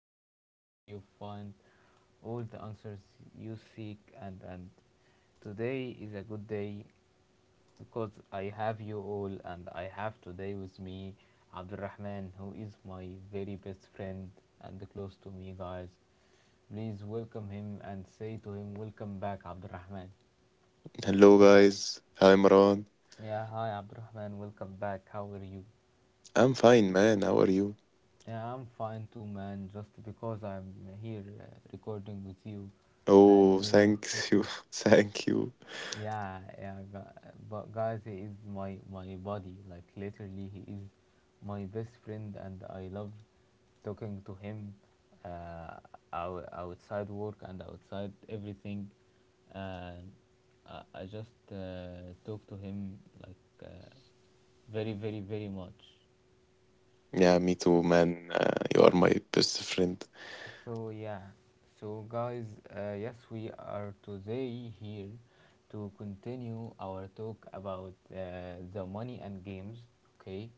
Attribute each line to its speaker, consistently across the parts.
Speaker 1: podcast where you find all the answers you seek. And today is a good day because I have you all, and I have today with me Abdul Rahman, who is my very best friend and close to me, guys. Please welcome him and say to him, "Welcome back, Abdul Rahman."
Speaker 2: Hello guys, hi Imran.
Speaker 1: Yeah, hi, Abdul Rahman, welcome back. How are you?
Speaker 2: I'm fine, man. How are you?
Speaker 1: Yeah, I'm fine too, man. Just because I'm here recording with you and
Speaker 2: Oh,
Speaker 1: you
Speaker 2: thanks you,
Speaker 1: podcast.
Speaker 2: thank you.
Speaker 1: Yeah, yeah, but guys, he is my buddy. Like literally, he is my best friend, and I love talking to him, uh, outside work and outside everything. And I just talk to him, like very, very, very much.
Speaker 2: Yeah, me too, man. You are my best friend.
Speaker 1: So yeah, so guys, yes, we are today here to continue our talk about the money and games. Okay,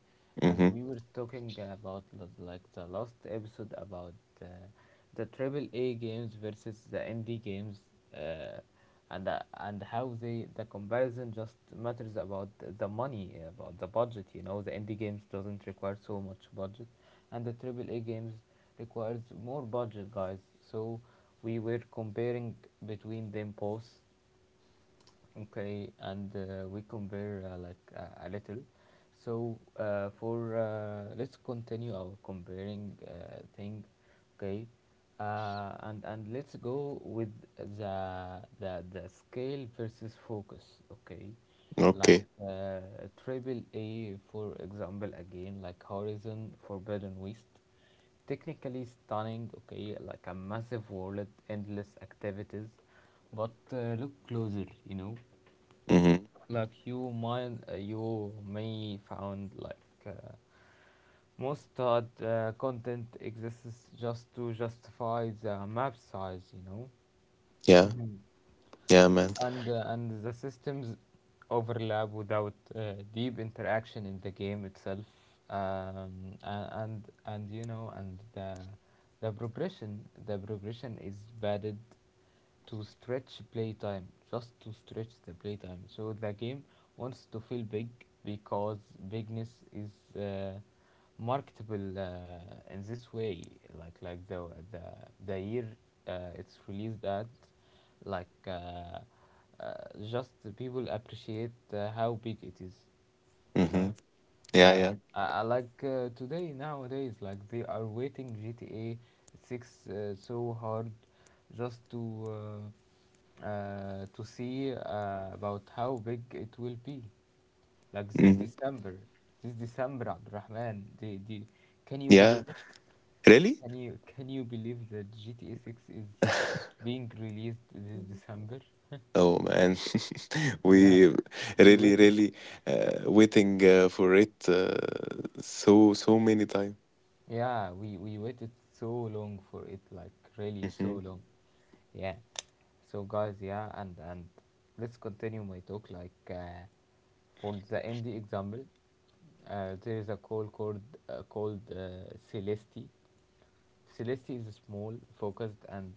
Speaker 1: and
Speaker 2: Mm-hmm.
Speaker 1: we were talking about, like the last episode, about uh, the triple A games versus the indie games, uh, and how the comparison just matters about the money, about the budget. You know, the indie games doesn't require so much budget, and the triple A games requires more budget, guys. So we were comparing between them both, okay, and we compare, like a little. So for let's continue our comparing, thing, okay, and let's go with the scale versus focus, okay, like
Speaker 2: Okay.
Speaker 1: triple A for example, again, like Horizon Forbidden West. Technically stunning, okay, like a massive world, endless activities, but look closer, you know,
Speaker 2: Mm-hmm.
Speaker 1: like you may found, like, most odd content exists just to justify the map size, you know.
Speaker 2: Yeah, yeah, man.
Speaker 1: And the systems overlap without deep interaction in the game itself, um, and you know, and the progression the progression is padded to stretch playtime, just to stretch the playtime, so the game wants to feel big because bigness is uh, marketable, in this way, like the the year it's released at, like, uh, uh, just the people appreciate how big it is, you
Speaker 2: Mm-hmm.
Speaker 1: know?
Speaker 2: Yeah,
Speaker 1: Yeah,
Speaker 2: yeah.
Speaker 1: I like, today, nowadays, like they are waiting GTA 6 so hard, just to see about how big it will be. Like this
Speaker 2: Mm-hmm.
Speaker 1: December, Abdurrahman, can you believe
Speaker 2: Yeah.
Speaker 1: it?
Speaker 2: Really?
Speaker 1: Can you believe that GTA 6 is being released this December?
Speaker 2: Oh man,
Speaker 1: Yeah,
Speaker 2: we
Speaker 1: we
Speaker 2: really,
Speaker 1: waited.
Speaker 2: really waiting for it so so many time.
Speaker 1: Yeah, we waited so long for it, like really so
Speaker 2: Mm-hmm.
Speaker 1: long. Yeah. So guys, yeah, and let's continue my talk. Like, for the indie example, there is a called Celesti. Celesti is small, focused, and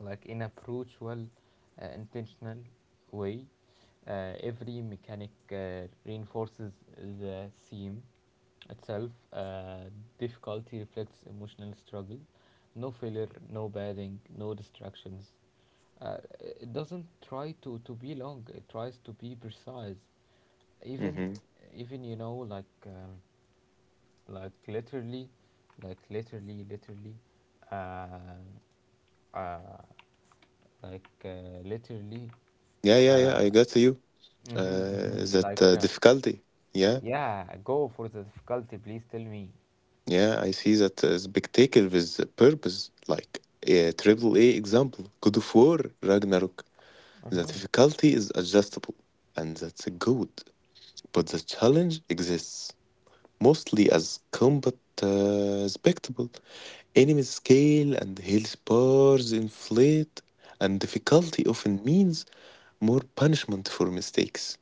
Speaker 1: like in a approachable, intentional way, every mechanic reinforces the seam itself. Difficulty reflects emotional struggle. No failure, no bathing, no distractions. Uh, it doesn't try to be long. It tries to be precise. Even
Speaker 2: Mm-hmm.
Speaker 1: even, like literally, like literally, literally, uh, uh, literally.
Speaker 2: Yeah, yeah, yeah. I got you.
Speaker 1: Mm-hmm, mm-hmm.
Speaker 2: That Difficulty. Yeah,
Speaker 1: Yeah, go for the difficulty, please tell me.
Speaker 2: yeah, I see that spectacle with purpose, like a triple A example, God of War, Ragnarok. The
Speaker 1: Mm-hmm.
Speaker 2: difficulty is adjustable, and that's good, but the challenge exists mostly as combat spectacle. Enemy scale and health bars inflate, and difficulty often means more punishment for mistakes.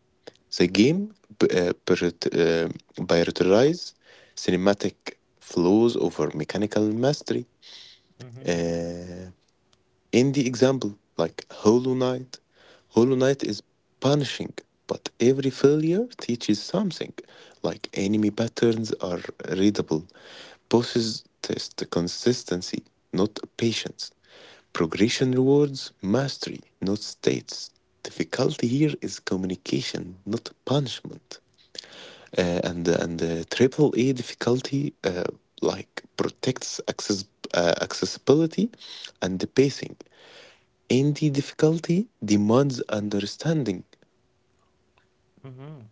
Speaker 2: The game b- uh, priorit- uh, prioritizes cinematic flows over mechanical mastery.
Speaker 1: Mm-hmm.
Speaker 2: Uh, in the example, like Hollow Knight, Hollow Knight is punishing, but every failure teaches something. Like enemy patterns are readable, bosses test consistency, not patience. Progression rewards mastery, not states. Difficulty here is communication, not punishment, and the triple A difficulty like protects accessibility and the pacing. Indie difficulty demands understanding.
Speaker 1: Mm-hmm.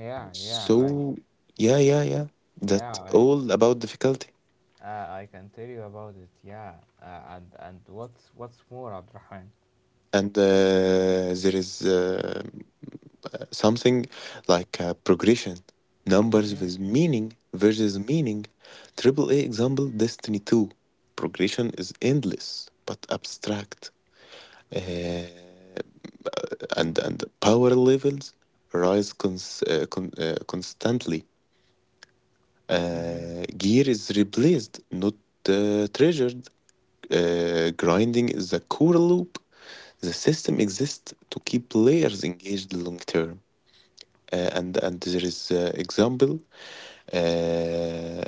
Speaker 1: Yeah, yeah,
Speaker 2: So yeah, yeah, yeah.
Speaker 1: yeah,
Speaker 2: That's
Speaker 1: I,
Speaker 2: all about difficulty.
Speaker 1: I can tell you about it. Yeah, and what's more, Abdurrahman?
Speaker 2: And There is something like progression, numbers
Speaker 1: Mm-hmm.
Speaker 2: with meaning versus meaning. Triple A example Destiny Two. Progression is endless but abstract, uh, and power levels rise constantly.
Speaker 1: Mm-hmm.
Speaker 2: Gear is replaced, not treasured. Grinding is a core loop. The system exists to keep players engaged long term. And There is example uh,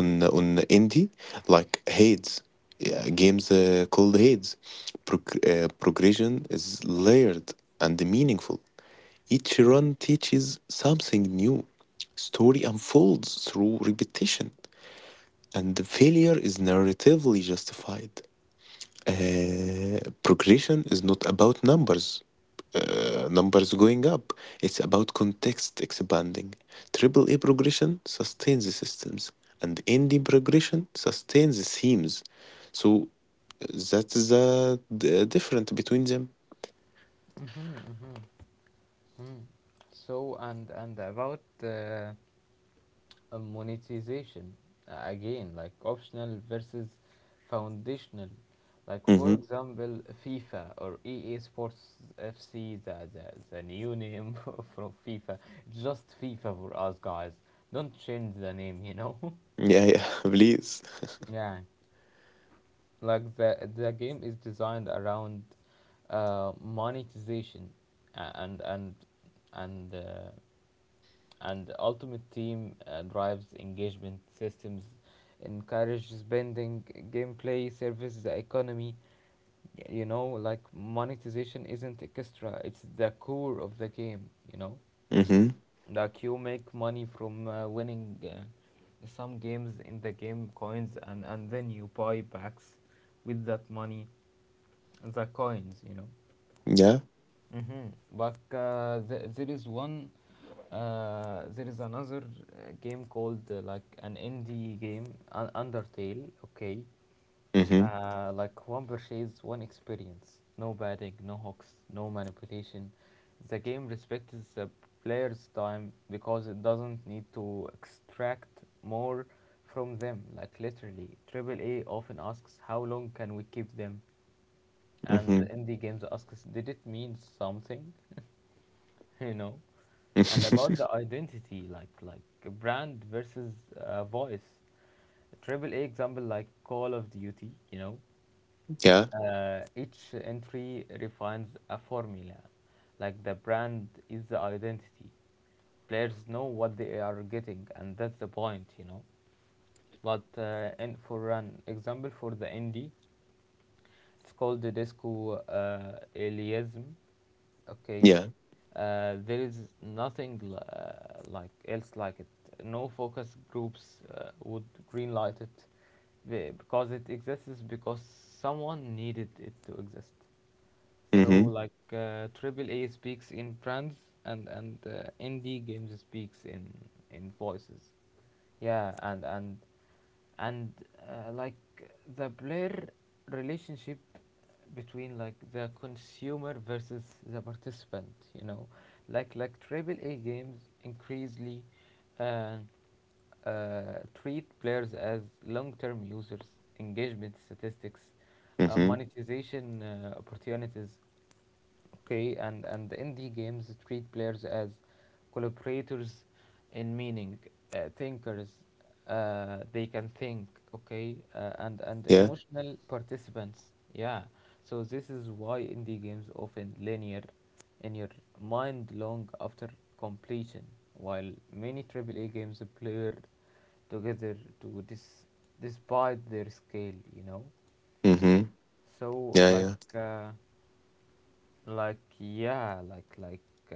Speaker 2: on indie like Hades, yeah, games called Hades. Progression is layered and meaningful. Each run teaches something new. Story unfolds through repetition, and the failure is narratively justified. Progression is not about numbers, numbers going up. It's about context expanding. Triple A progression sustains the systems, and indie progression sustains the themes. So that's the difference between them.
Speaker 1: Mm-hmm. Mm-hmm. So and about, monetization, again, like optional versus foundational, like for
Speaker 2: Hmm.
Speaker 1: example FIFA or EA Sports FC, the new name from FIFA. Just FIFA for us, guys. Don't change the name.
Speaker 2: Yeah, yeah, please.
Speaker 1: Yeah, like the game is designed around monetization, uh, and and and uh, and Ultimate Team drives engagement systems, encourages spending, gameplay, services, the economy. You know, like monetization isn't extra; it's the core of the game. You know,
Speaker 2: Hmm.
Speaker 1: like you make money from winning some games in the game coins, and then you buy packs with that money, the coins.
Speaker 2: Yeah.
Speaker 1: But there is there is another game called, like an indie game, Undertale. Okay,
Speaker 2: Hmm.
Speaker 1: like one purchase, one experience. No batting, no hooks, no manipulation. The game respects the player's time because it doesn't need to extract more from them. Like literally, AAA often asks, "How long can we keep them?" And
Speaker 2: Hmm.
Speaker 1: indie games asks, "Did it mean something?" you know and about the identity, like a brand versus voice. Triple A example, like Call of Duty,
Speaker 2: yeah,
Speaker 1: each entry refines a formula, like the brand is the identity. Players know what they are getting, and that's the point. You know but uh, and for an example, for the indie, it's called the Disco Aliasm, okay.
Speaker 2: yeah.
Speaker 1: There is nothing, like else, like it. No focus groups would greenlight it, because it exists because someone needed it to exist. So,
Speaker 2: Mm-hmm.
Speaker 1: like, AAA speaks in brands, and indie games speaks in voices. Yeah, and like the player relationship, between like the consumer versus the participant, like triple A games increasingly, uh, uh, treat players as long-term users, engagement statistics,
Speaker 2: Mm-hmm.
Speaker 1: monetization opportunities. Okay, and indie games treat players as collaborators in meaning, thinkers. They can think, okay, and
Speaker 2: Yeah.
Speaker 1: emotional participants. Yeah, so this is why indie games often linear in your mind long after completion, while many AAA games blur together to, despite their scale, you know.
Speaker 2: Mm-hmm.
Speaker 1: So,
Speaker 2: Yeah,
Speaker 1: like,
Speaker 2: yeah.
Speaker 1: uh, like, yeah, like like uh,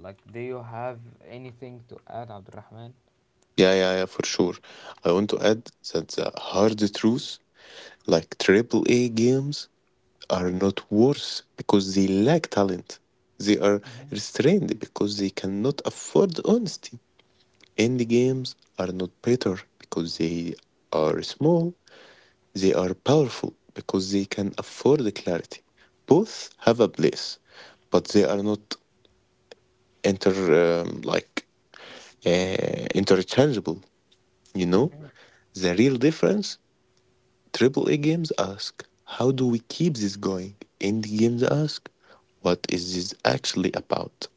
Speaker 1: like do you have anything to add, Abdurrahman?
Speaker 2: Yeah, yeah, yeah, for sure. I want to add that the hard truths, like AAA games, are not worse because they lack talent. They are restrained because they cannot afford honesty. Indie games are not better because they are small. They are powerful because they can afford the clarity. Both have a place, but they are not inter um, like interchangeable. You know,
Speaker 1: Mhm.
Speaker 2: the real difference. Triple A games ask, how do we keep this going? Indie games ask, what is this actually about?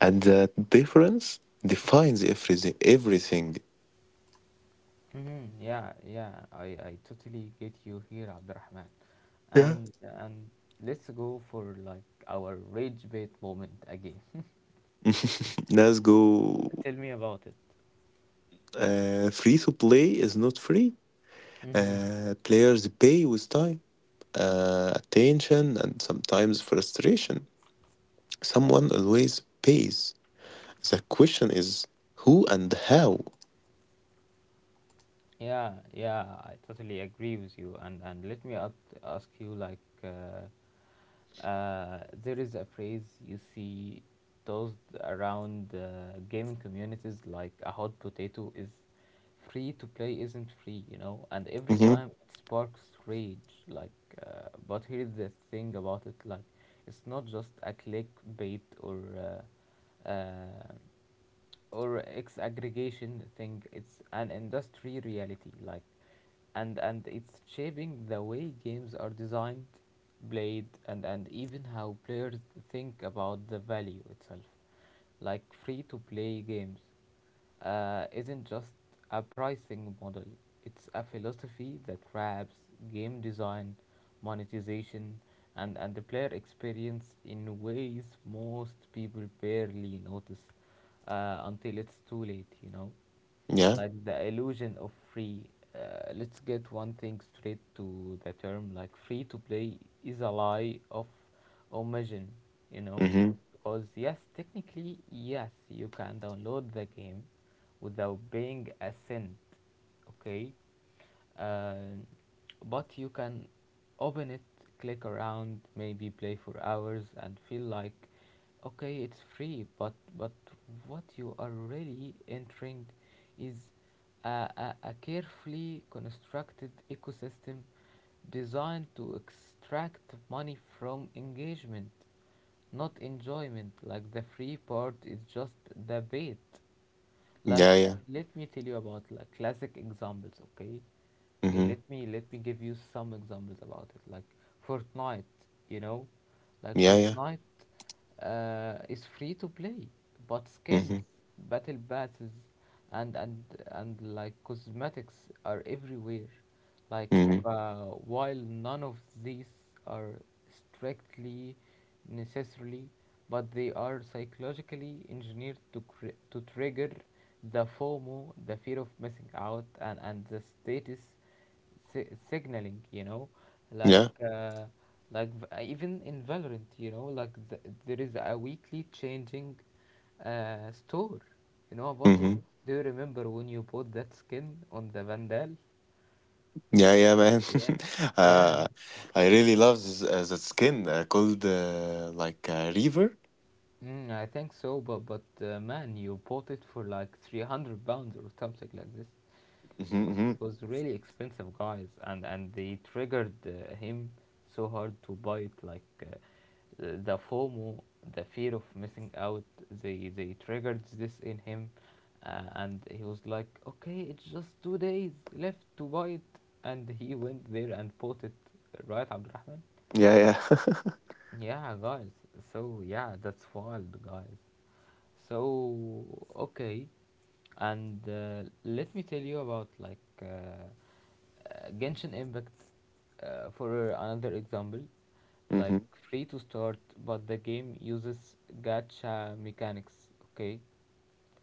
Speaker 2: And that difference defines everything. Everything.
Speaker 1: Mm-hmm. Yeah, yeah, I totally get you here, Abdurrahman.
Speaker 2: Yeah.
Speaker 1: And let's go for, like, our rage bait moment again.
Speaker 2: Let's go.
Speaker 1: Tell me about it.
Speaker 2: Free to play is not free.
Speaker 1: Mm-hmm.
Speaker 2: Players pay with time, attention, and sometimes frustration. Someone always pays. The question is who and how.
Speaker 1: Yeah, yeah, I totally agree with you. And let me ask you, like, there is a phrase you see tossed around, gaming communities, like a hot potato, is "free to play isn't free," you know, and every
Speaker 2: Mm-hmm.
Speaker 1: time it sparks rage. Like, but here's the thing about it, like, it's not just a clickbait, or or ex aggregation thing. It's an industry reality, and it's shaping the way games are designed, played, and even how players think about the value itself. Like, free to play games isn't just a pricing model, it's a philosophy that wraps game design, monetization, and the player experience in ways most people barely notice until it's too late,
Speaker 2: Yeah.
Speaker 1: like the illusion of free. Let's get one thing straight, to the term, like, "free to play" is a lie of omission, you know,
Speaker 2: Mm-hmm.
Speaker 1: because yes, technically, yes, you can download the game without paying a cent, okay, uh, but you can open it, click around, maybe play for hours, and feel like, okay, it's free, but what you are really entering is a, a carefully constructed ecosystem designed to extract money from engagement, not enjoyment. Like, the free part is just the bait like,
Speaker 2: Yeah. Yeah.
Speaker 1: Let me tell you about, like, classic examples, okay? Okay,
Speaker 2: Mm-hmm.
Speaker 1: let me give you some examples about it. Like Fortnite, you know, like
Speaker 2: Yeah. Yeah.
Speaker 1: Fortnite is free to play, but
Speaker 2: Mm-hmm.
Speaker 1: skins, battle passes, and and and like cosmetics are everywhere, like
Speaker 2: Mm-hmm.
Speaker 1: while none of these are strictly necessarily, but they are psychologically engineered to, to trigger the FOMO, the fear of missing out, and the status, signaling, you know, like,
Speaker 2: Yeah.
Speaker 1: like, even in Valorant, you know, like, there is a weekly changing store, you know about it?
Speaker 2: Mm-hmm.
Speaker 1: Do you remember when you bought that skin on the Vandal?
Speaker 2: Yeah. Yeah, man.
Speaker 1: Yeah, yeah.
Speaker 2: uh, I really love that skin called Reaver.
Speaker 1: Mm, I think so, but man, you bought it for like £300 or something like this. So
Speaker 2: Mm-hmm,
Speaker 1: it
Speaker 2: mm-hmm.
Speaker 1: was really expensive, guys, and they triggered, him so hard to buy it. Like, the FOMO, the fear of missing out, they triggered this in him, and he was like, okay, it's just 2 days left to buy it, and he went there and bought it, right, Abdurrahman?
Speaker 2: Yeah. Yeah.
Speaker 1: Yeah, guys. So yeah, that's wild, guys. So, okay, and let me tell you about, like, Genshin Impact for another example, like
Speaker 2: mm-hmm.
Speaker 1: free to start, but the game uses gacha mechanics. Okay,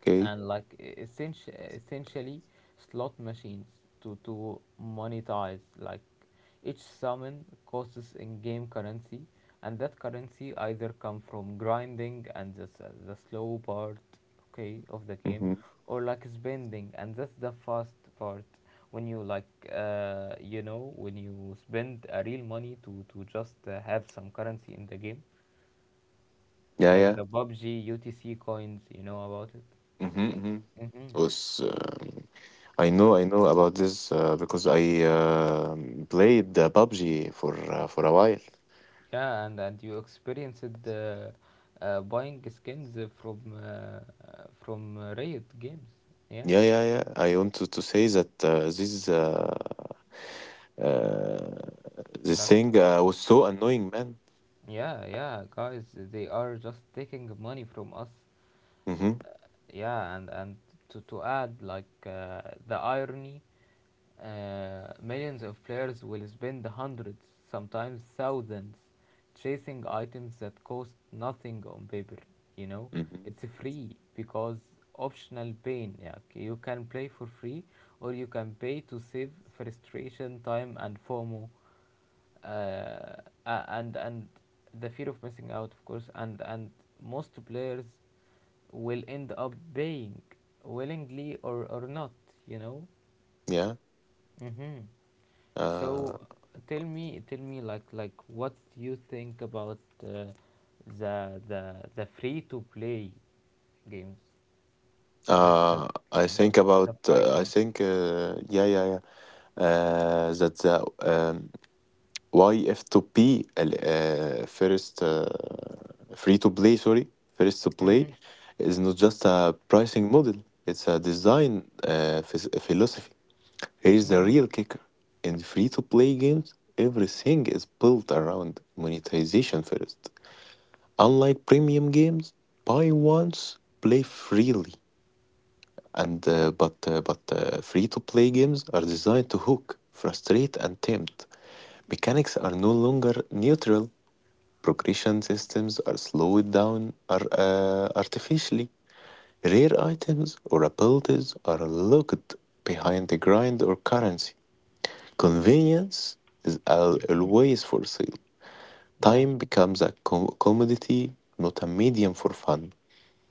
Speaker 2: Okay.
Speaker 1: and like essentially slot machines, to monetize, like each summon costs in-game currency, and that currency either come from grinding and the slow part, okay, of the game,
Speaker 2: Mm-hmm.
Speaker 1: or, like, spending, and that's the fast part, when you like you know when you spend a real money to just have some currency in the game,
Speaker 2: Yeah.
Speaker 1: like
Speaker 2: Yeah.
Speaker 1: the PUBG UTC coins, you know about it?
Speaker 2: Mm-hmm. Mm-hmm.
Speaker 1: Mm-hmm.
Speaker 2: Was I know about this because I played PUBG for for a while.
Speaker 1: Yeah, and, you experienced buying skins from Riot Games. Yeah,
Speaker 2: Yeah, yeah, yeah. I want to say that uh, this
Speaker 1: like
Speaker 2: thing was so annoying, man.
Speaker 1: yeah, yeah, guys, they are just taking money from us.
Speaker 2: Mm-hmm.
Speaker 1: Yeah, and to add like the irony. Millions of players will spend hundreds, sometimes thousands, chasing items that cost nothing on paper. You know,
Speaker 2: Mm-hmm.
Speaker 1: it's free because optional pain. Yeah, okay, you can play for free, or you can pay to save frustration, time, and FOMO, uh, a- and the fear of missing out, of course. And most players will end up paying willingly or not. You know.
Speaker 2: Yeah.
Speaker 1: Mm-hmm. So
Speaker 2: Uh,
Speaker 1: tell me, like, what you think about uh, the the free to play games, like the
Speaker 2: I
Speaker 1: the
Speaker 2: think about.
Speaker 1: the
Speaker 2: I
Speaker 1: pricing.
Speaker 2: think. Yeah, yeah, yeah. That the YF2P first free to play. Sorry, first to play
Speaker 1: Mhm,
Speaker 2: is not just a pricing model. It's a design philosophy. Here's the
Speaker 1: mhm,
Speaker 2: real kicker. In free-to-play games, everything is built around monetization first. Unlike premium games, buy once, play freely. And but Free-to-play games are designed to hook, frustrate, and tempt. Mechanics are no longer neutral. Progression systems are slowed down are artificially. Rare items or abilities are locked behind the grind or currency. Convenience is
Speaker 1: mhm.
Speaker 2: always for sale.
Speaker 1: Yeah.
Speaker 2: Time becomes a commodity, not a medium for fun.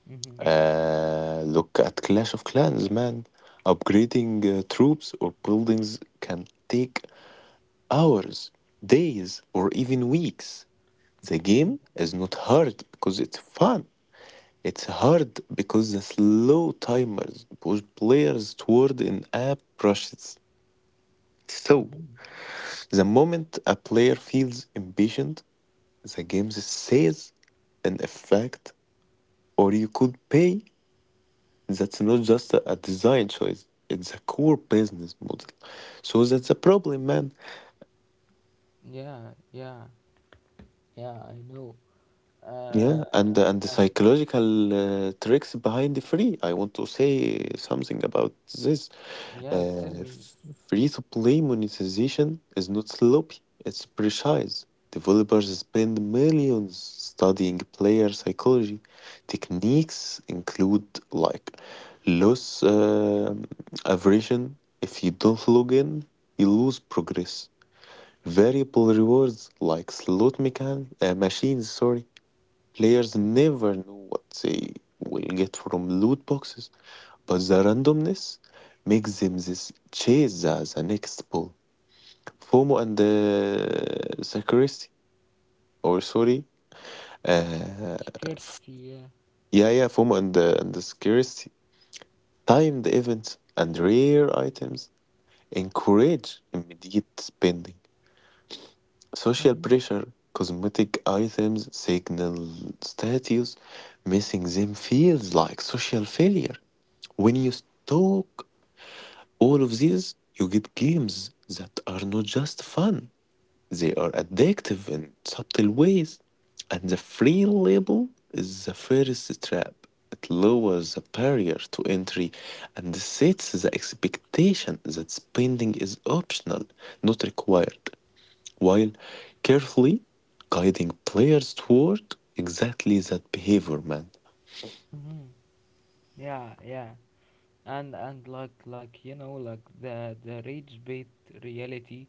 Speaker 1: Mhm.
Speaker 2: Look at Clash of Clans, man. Upgrading troops or buildings can take hours, days, or even weeks. The game is not hard because it's fun. It's hard because the slow timers push players toward an app rushes. So,
Speaker 1: Mm-hmm.
Speaker 2: the moment a player feels impatient, the game says in effect, or you could pay. That's not just a design choice, it's a core business model. So that's a problem, man.
Speaker 1: Yeah, yeah, yeah, I know.
Speaker 2: Yeah,
Speaker 1: Uh,
Speaker 2: and the
Speaker 1: and
Speaker 2: psychological tricks behind the free. I want to say something about this.
Speaker 1: yeah, tell
Speaker 2: Uh,
Speaker 1: me.
Speaker 2: Free to play monetization is not sloppy; it's precise. Developers spend millions studying player psychology. Techniques include like loss aversion. If you don't log in, you lose progress. Variable rewards like machines, sorry. Players
Speaker 1: Mhm.
Speaker 2: never know what they will get from loot boxes, but the randomness makes them this chase the next ball. FOMO and security, or sorry, uh, f-
Speaker 1: Scarcity, yeah.
Speaker 2: yeah, yeah, FOMO and the security. Timed events and rare items encourage immediate spending. Social
Speaker 1: Mm-hmm.
Speaker 2: pressure, cosmetic items signal status, missing them feels like social failure. When you stoke all of these, you get games that are not just fun, they are addictive in subtle ways. And the free label is the first trap. It lowers the barrier to entry and sets the expectation that spending is optional, not required, while carefully guiding players toward exactly that behavior, man.
Speaker 1: Mm-hmm. Yeah, yeah. And like you know like the rage bait reality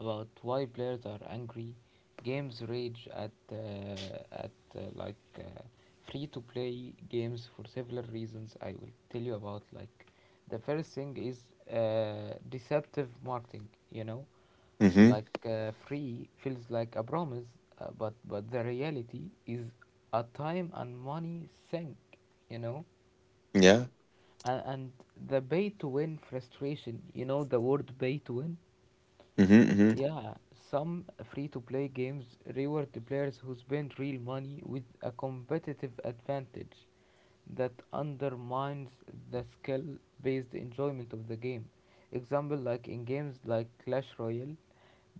Speaker 1: about why players are angry. Games rage at free to play games for several reasons. I will tell you about, like, the first thing is deceptive marketing, you know,
Speaker 2: Mm-hmm.
Speaker 1: like free feels like a promise, but the reality is a time and money sink, you know.
Speaker 2: Yeah.
Speaker 1: And the pay to win frustration, you know the word pay to win?
Speaker 2: Mm-hmm. Mm-hmm.
Speaker 1: Yeah, some free to play games reward the players who spend real money with a competitive advantage that undermines the skill based enjoyment of the game. Example, like in games like Clash Royale,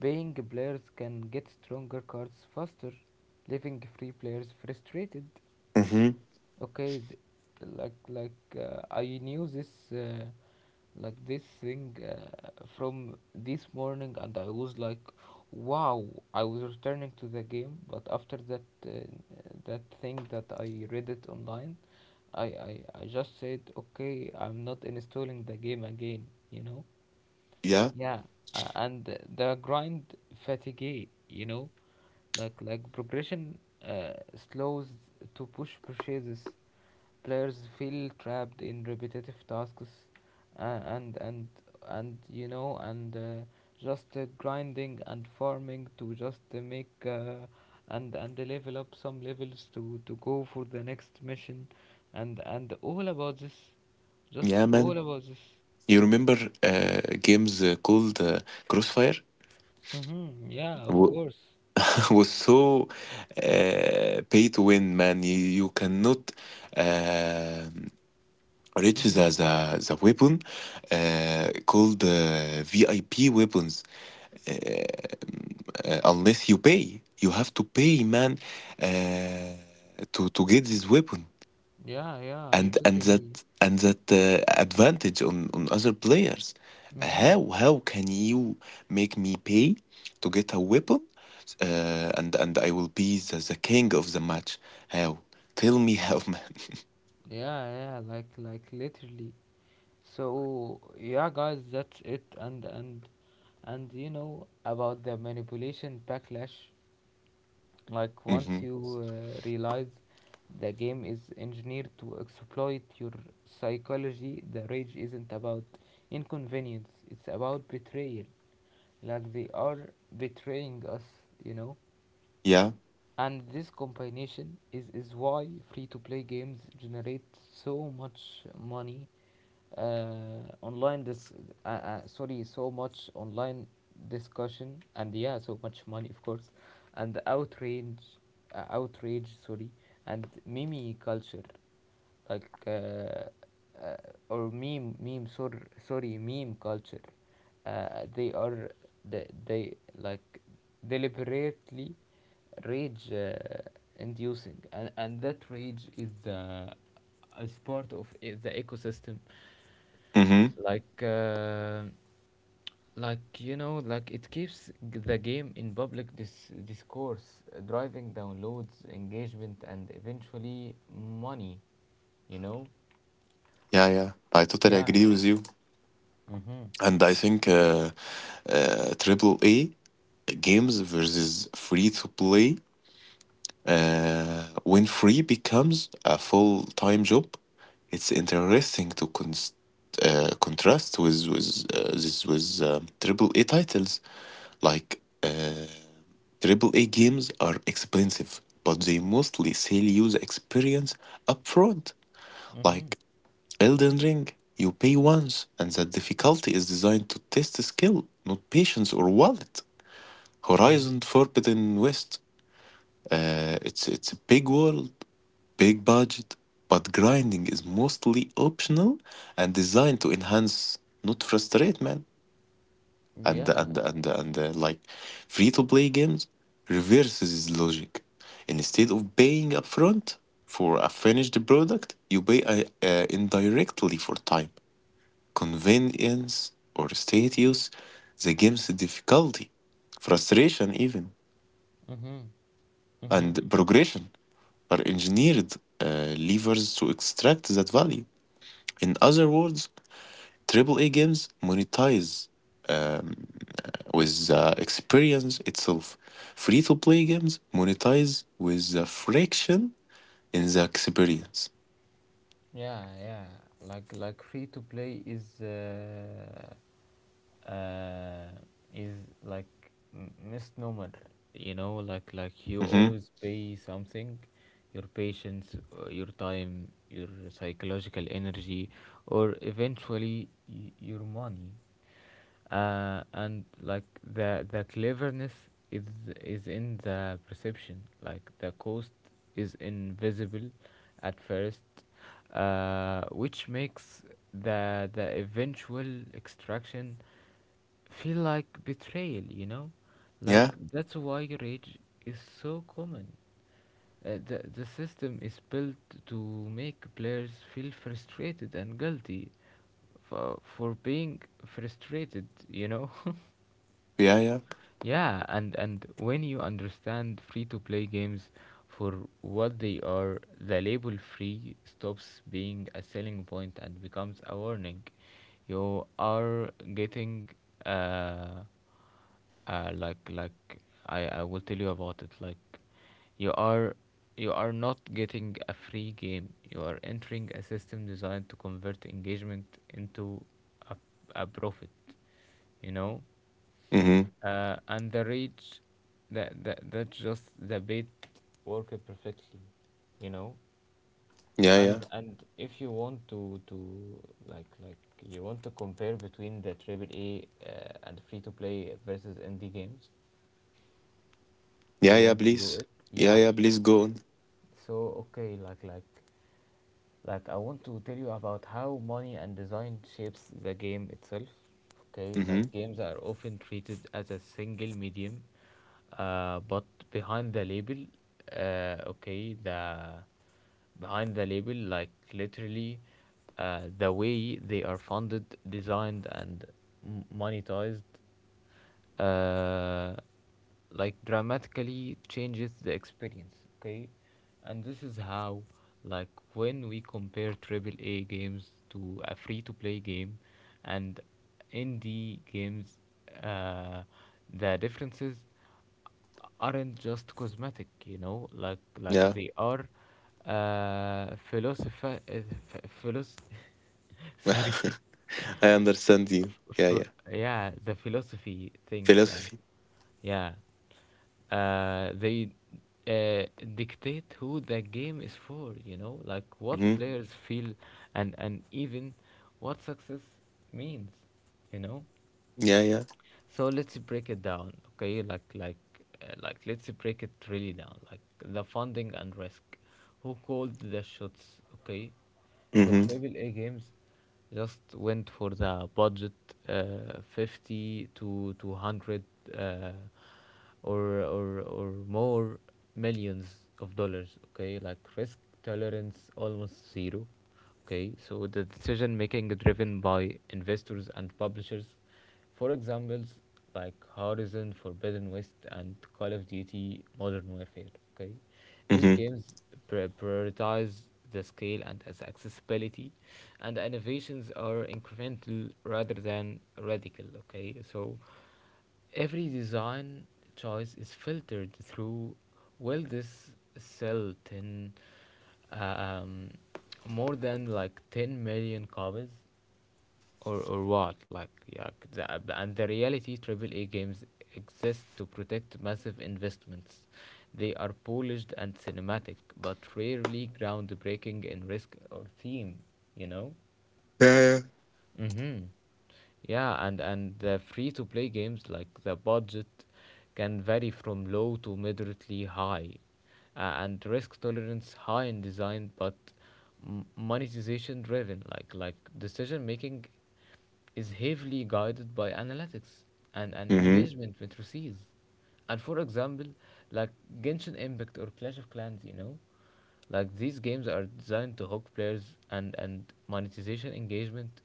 Speaker 1: paying players can get stronger cards faster, leaving free players frustrated.
Speaker 2: Mm-hmm.
Speaker 1: Okay, like I knew this like this thing from this morning, and I was like, wow, I was returning to the game, but after that, uh, that thing that I read it online, I just said, okay, I'm not installing the game again, you know.
Speaker 2: Yeah.
Speaker 1: Yeah, and the grind fatigue, you know, like progression slows to push purchases. Players feel trapped in repetitive tasks, uh, and and and you know, and just grinding and farming to just make and level up some levels to go for the next mission, and all about this, just
Speaker 2: Yeah,
Speaker 1: all
Speaker 2: man.
Speaker 1: about this.
Speaker 2: You remember games called Crossfire.
Speaker 1: Mm-hmm, yeah, of
Speaker 2: W-
Speaker 1: course.
Speaker 2: was so pay to win, man. You cannot um reach
Speaker 1: Mm-hmm.
Speaker 2: the weapon called VIP weapons unless you pay. You have to pay, man, to get this weapon.
Speaker 1: Yeah, yeah, I
Speaker 2: And
Speaker 1: totally.
Speaker 2: and that advantage on other players.
Speaker 1: Mm-hmm.
Speaker 2: How can you make me pay to get a weapon, and I will be the king of the match. How? Tell me how. Man.
Speaker 1: Yeah, yeah, like literally. So yeah, guys, that's it. And you know about the manipulation backlash. Like
Speaker 2: Hmm.
Speaker 1: once you realize the game is engineered to exploit your psychology, the rage isn't about inconvenience. It's about betrayal. Like they are betraying us, you know.
Speaker 2: Yeah.
Speaker 1: And this combination is why free to play games generate so much money, online this sorry so much online discussion, and yeah, so much money, of course, and outrage, outrage sorry and meme culture, like uh, or meme meme sorry sorry meme culture. They are they like deliberately rage inducing, and, that rage is as part of the ecosystem,
Speaker 2: Hmm.
Speaker 1: like uh, you know, like it keeps the game in public discourse, driving downloads, engagement, and eventually money, you know.
Speaker 2: Yeah, yeah, I totally
Speaker 1: Yeah.
Speaker 2: agree with you.
Speaker 1: Mhm,
Speaker 2: And I think triple A games versus free to play. When free becomes a full-time job, it's interesting to contrast with this with AAA titles. Like AAA games are expensive, but they mostly sell you the experience upfront. Like
Speaker 1: mhm,
Speaker 2: Elden Ring, you pay once, and the difficulty is designed to test skill, not patience or wallet.
Speaker 1: mhm,
Speaker 2: Horizon Forbidden West. It's a big world, big budget, but grinding is mostly optional and designed to enhance, not frustrate, man.
Speaker 1: yeah,
Speaker 2: And like Free to play games reverses this logic. Instead of paying upfront for a finished product, you pay indirectly for time, convenience, or status, the game's difficulty, frustration, even,
Speaker 1: mhm,
Speaker 2: and
Speaker 1: mhm.
Speaker 2: progression are engineered levers to extract that value. In other words, AAA games monetize with the experience itself. Free-to-play games monetize with the friction in the experience.
Speaker 1: Yeah, yeah. Like free to play is uh, is like misnomer. You know, like you
Speaker 2: Mm-hmm.
Speaker 1: always pay something, your patience, your time, your psychological energy, or eventually your money, and like the cleverness is is in the perception. Like the cost is invisible at first, which makes the eventual extraction feel like betrayal, you know, like
Speaker 2: Yeah,
Speaker 1: that's why rage is so common. The system is built to make players feel frustrated and guilty for, being frustrated, you know?
Speaker 2: yeah, yeah.
Speaker 1: Yeah, and when you understand free-to-play games for what they are, the label free stops being a selling point and becomes a warning. You are getting uh, uh like like I will tell you about it, like you are, you are not getting a free game. You are entering a system designed to convert engagement into a, a profit, you know?
Speaker 2: Mm-hmm.
Speaker 1: And the reach, that that that just the bait work perfectly, you know.
Speaker 2: Yeah, yeah.
Speaker 1: And if you want to like, you want to compare between the triple a, and free to play versus indie games,
Speaker 2: Yeah,
Speaker 1: you
Speaker 2: yeah,
Speaker 1: want to do
Speaker 2: please.
Speaker 1: it?
Speaker 2: Yeah,
Speaker 1: Yeah.
Speaker 2: yeah, please go on.
Speaker 1: So okay, like I want to tell you about how money and design shapes the game itself. Okay,
Speaker 2: Mm-hmm.
Speaker 1: like games are often treated as a single medium, but behind the label, okay, the behind the label, like literally, the way they are funded, designed, and monetized, uh, like dramatically changes the experience. Okay, and this is how, like, when we compare triple a games to a free to play game and indie games, uh, the differences aren't just cosmetic, you know, like
Speaker 2: Yeah.
Speaker 1: they are philosopher, ph- philos sorry.
Speaker 2: I understand you. Yeah,
Speaker 1: F-
Speaker 2: yeah.
Speaker 1: yeah, the philosophy thing. Uh,
Speaker 2: Philosophy.
Speaker 1: yeah. They uh, dictate who the game is for, you know, like what
Speaker 2: Mm-hmm.
Speaker 1: players feel, and, even what success means, you know.
Speaker 2: Yeah, yeah.
Speaker 1: So let's break it down, okay? Like let's break it really down. Like the funding and risk. Who called the shots? Okay, the
Speaker 2: Mm-hmm.
Speaker 1: Triple A games just went for the budget, 50 to 200, uh, or more millions of dollars. Okay, like risk tolerance almost zero. Okay, so the decision making is driven by investors and publishers. For examples, like Horizon Forbidden West and Call of Duty Modern Warfare. Okay, these
Speaker 2: Mm-hmm.
Speaker 1: games prioritize the scale and its accessibility, and the innovations are incremental rather than radical. Okay, so every design choice is filtered through, will this sell 10, um, more than like 10 million copies, or what, like. Yeah, and the reality, triple a games exist to protect massive investments. They are polished and cinematic, but rarely groundbreaking in risk or theme, you know.
Speaker 2: Yeah, yeah.
Speaker 1: Mm-hmm. Yeah, and the free-to-play games, like the budget can vary from low to moderately high, and risk tolerance high in design, but monetization driven. Like decision making is heavily guided by analytics and,
Speaker 2: Mm-hmm.
Speaker 1: engagement matrices. And for example, like Genshin Impact or Clash of Clans, you know, like these games are designed to hook players and, monetization engagement,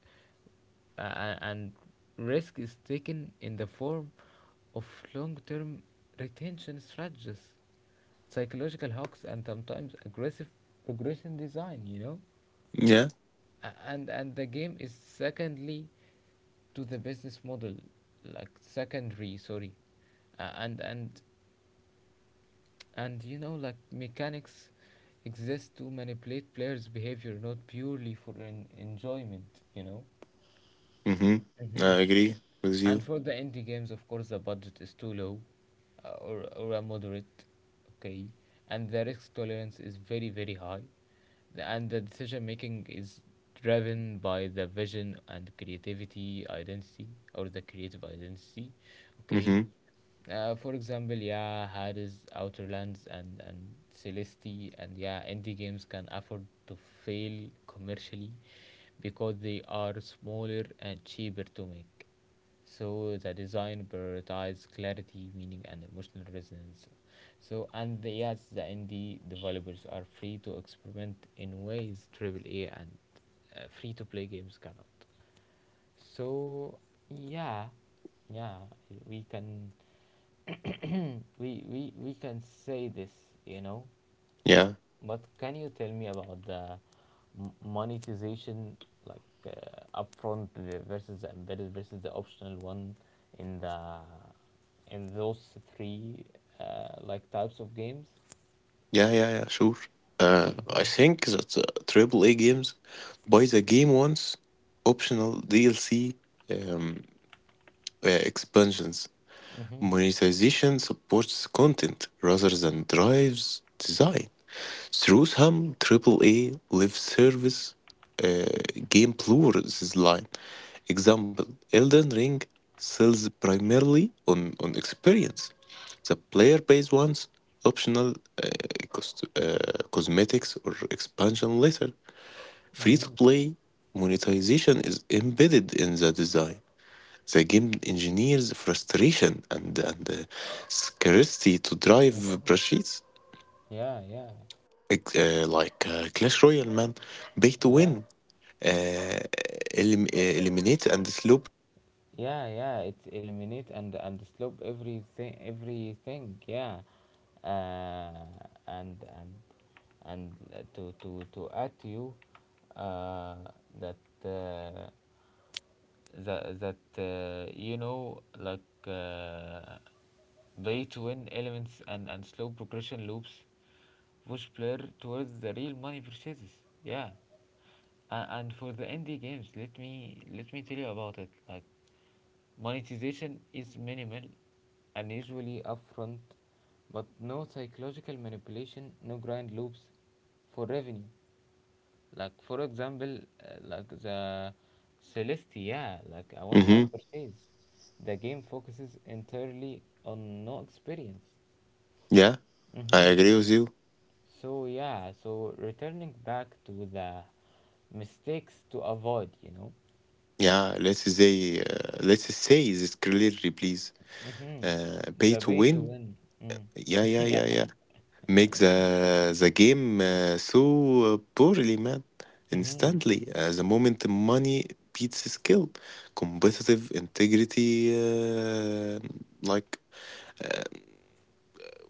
Speaker 1: and risk is taken in the form of long-term retention strategies, psychological hooks, and sometimes aggressive progression design. You know.
Speaker 2: Yeah.
Speaker 1: And the game is secondly to the business model, like secondary, sorry, uh, and and and you know, like mechanics exist to manipulate players behavior, not purely for an enjoyment, you know.
Speaker 2: Mm-hmm.
Speaker 1: Mm-hmm.
Speaker 2: I agree with
Speaker 1: And
Speaker 2: you.
Speaker 1: for the indie games, of course, the budget is too low, or a moderate, okay, and the risk tolerance is very, very high. And the decision making is driven by the vision and creativity identity, or the creative identity, okay.
Speaker 2: Mm-hmm.
Speaker 1: For example, yeah, Hades, Outer Lands, and, Celeste, and yeah, indie games can afford to fail commercially because they are smaller and cheaper to make. So the design prioritizes clarity, meaning, and emotional resonance. So and yes, the indie developers are free to experiment in ways AAA and free-to-play games cannot. So yeah, yeah, we can we can say this, you know.
Speaker 2: Yeah.
Speaker 1: But can you tell me about the monetization, like upfront versus the embedded versus the optional one in the in those three like types of games?
Speaker 2: Yeah, yeah, yeah, sure. I think that triple A games buy the game once, optional DLC, um, expansions.
Speaker 1: Mm-hmm.
Speaker 2: Monetization supports content rather than drives design. Through some Triple-A live-service game plus line. Example: Elden Ring sells primarily on experience. The player pays once, optional uh, cosmetics or expansion later.
Speaker 1: Mm-hmm.
Speaker 2: Free-to-play monetization is embedded in the design. The game engineers frustration and scarcity to drive purchase.
Speaker 1: Yeah, yeah,
Speaker 2: Clash Royale, man. Pay to
Speaker 1: yeah,
Speaker 2: win, uh, eliminate and slope.
Speaker 1: yeah, yeah. It eliminate and slope everything, everything. Yeah, uh, and and and to add to you uh, that that that you know like uh, play to win elements and slow progression loops push player towards the real money purchases. Yeah, and, for the indie games, let me tell you about it. Like monetization is minimal and usually upfront, but no psychological manipulation, no grind loops for revenue. Like for example, the Celestia, like a
Speaker 2: Hmm.
Speaker 1: one-time purchase. The game focuses entirely on no experience.
Speaker 2: Yeah, I
Speaker 1: Mm-hmm.
Speaker 2: agree with you.
Speaker 1: So yeah, so returning back to the mistakes to avoid, you know.
Speaker 2: Yeah, let's say this clearly, please.
Speaker 1: Mm-hmm.
Speaker 2: Pay
Speaker 1: The
Speaker 2: to
Speaker 1: way to
Speaker 2: win.
Speaker 1: win. Mm.
Speaker 2: Yeah, yeah,
Speaker 1: yeah.
Speaker 2: yeah, yeah. Make the game so poorly, man.
Speaker 1: Mm-hmm.
Speaker 2: Instantly, the moment money beats skill, competitive integrity, like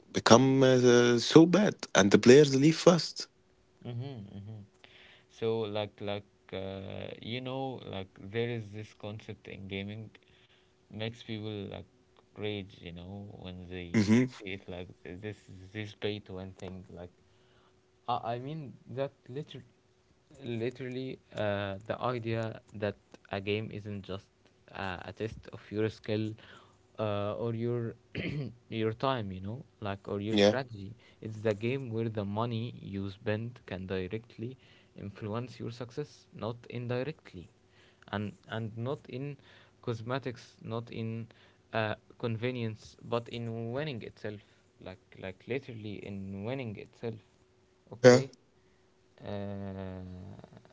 Speaker 2: become so bad and the players leave fast.
Speaker 1: Mm-hmm. Mm-hmm. So there is this concept in gaming makes people rage, you know, when they
Speaker 2: Hmm.
Speaker 1: see it like this this pay to win thing. I mean that literally, the idea that a game isn't just a test of your skill, or your your time, you know, like, or your
Speaker 2: Yeah.
Speaker 1: strategy. It's the game where the money you spend can directly influence your success, not indirectly, and not in cosmetics, not in convenience, but in winning itself, like literally in winning itself,
Speaker 2: Yeah.
Speaker 1: okay. uh,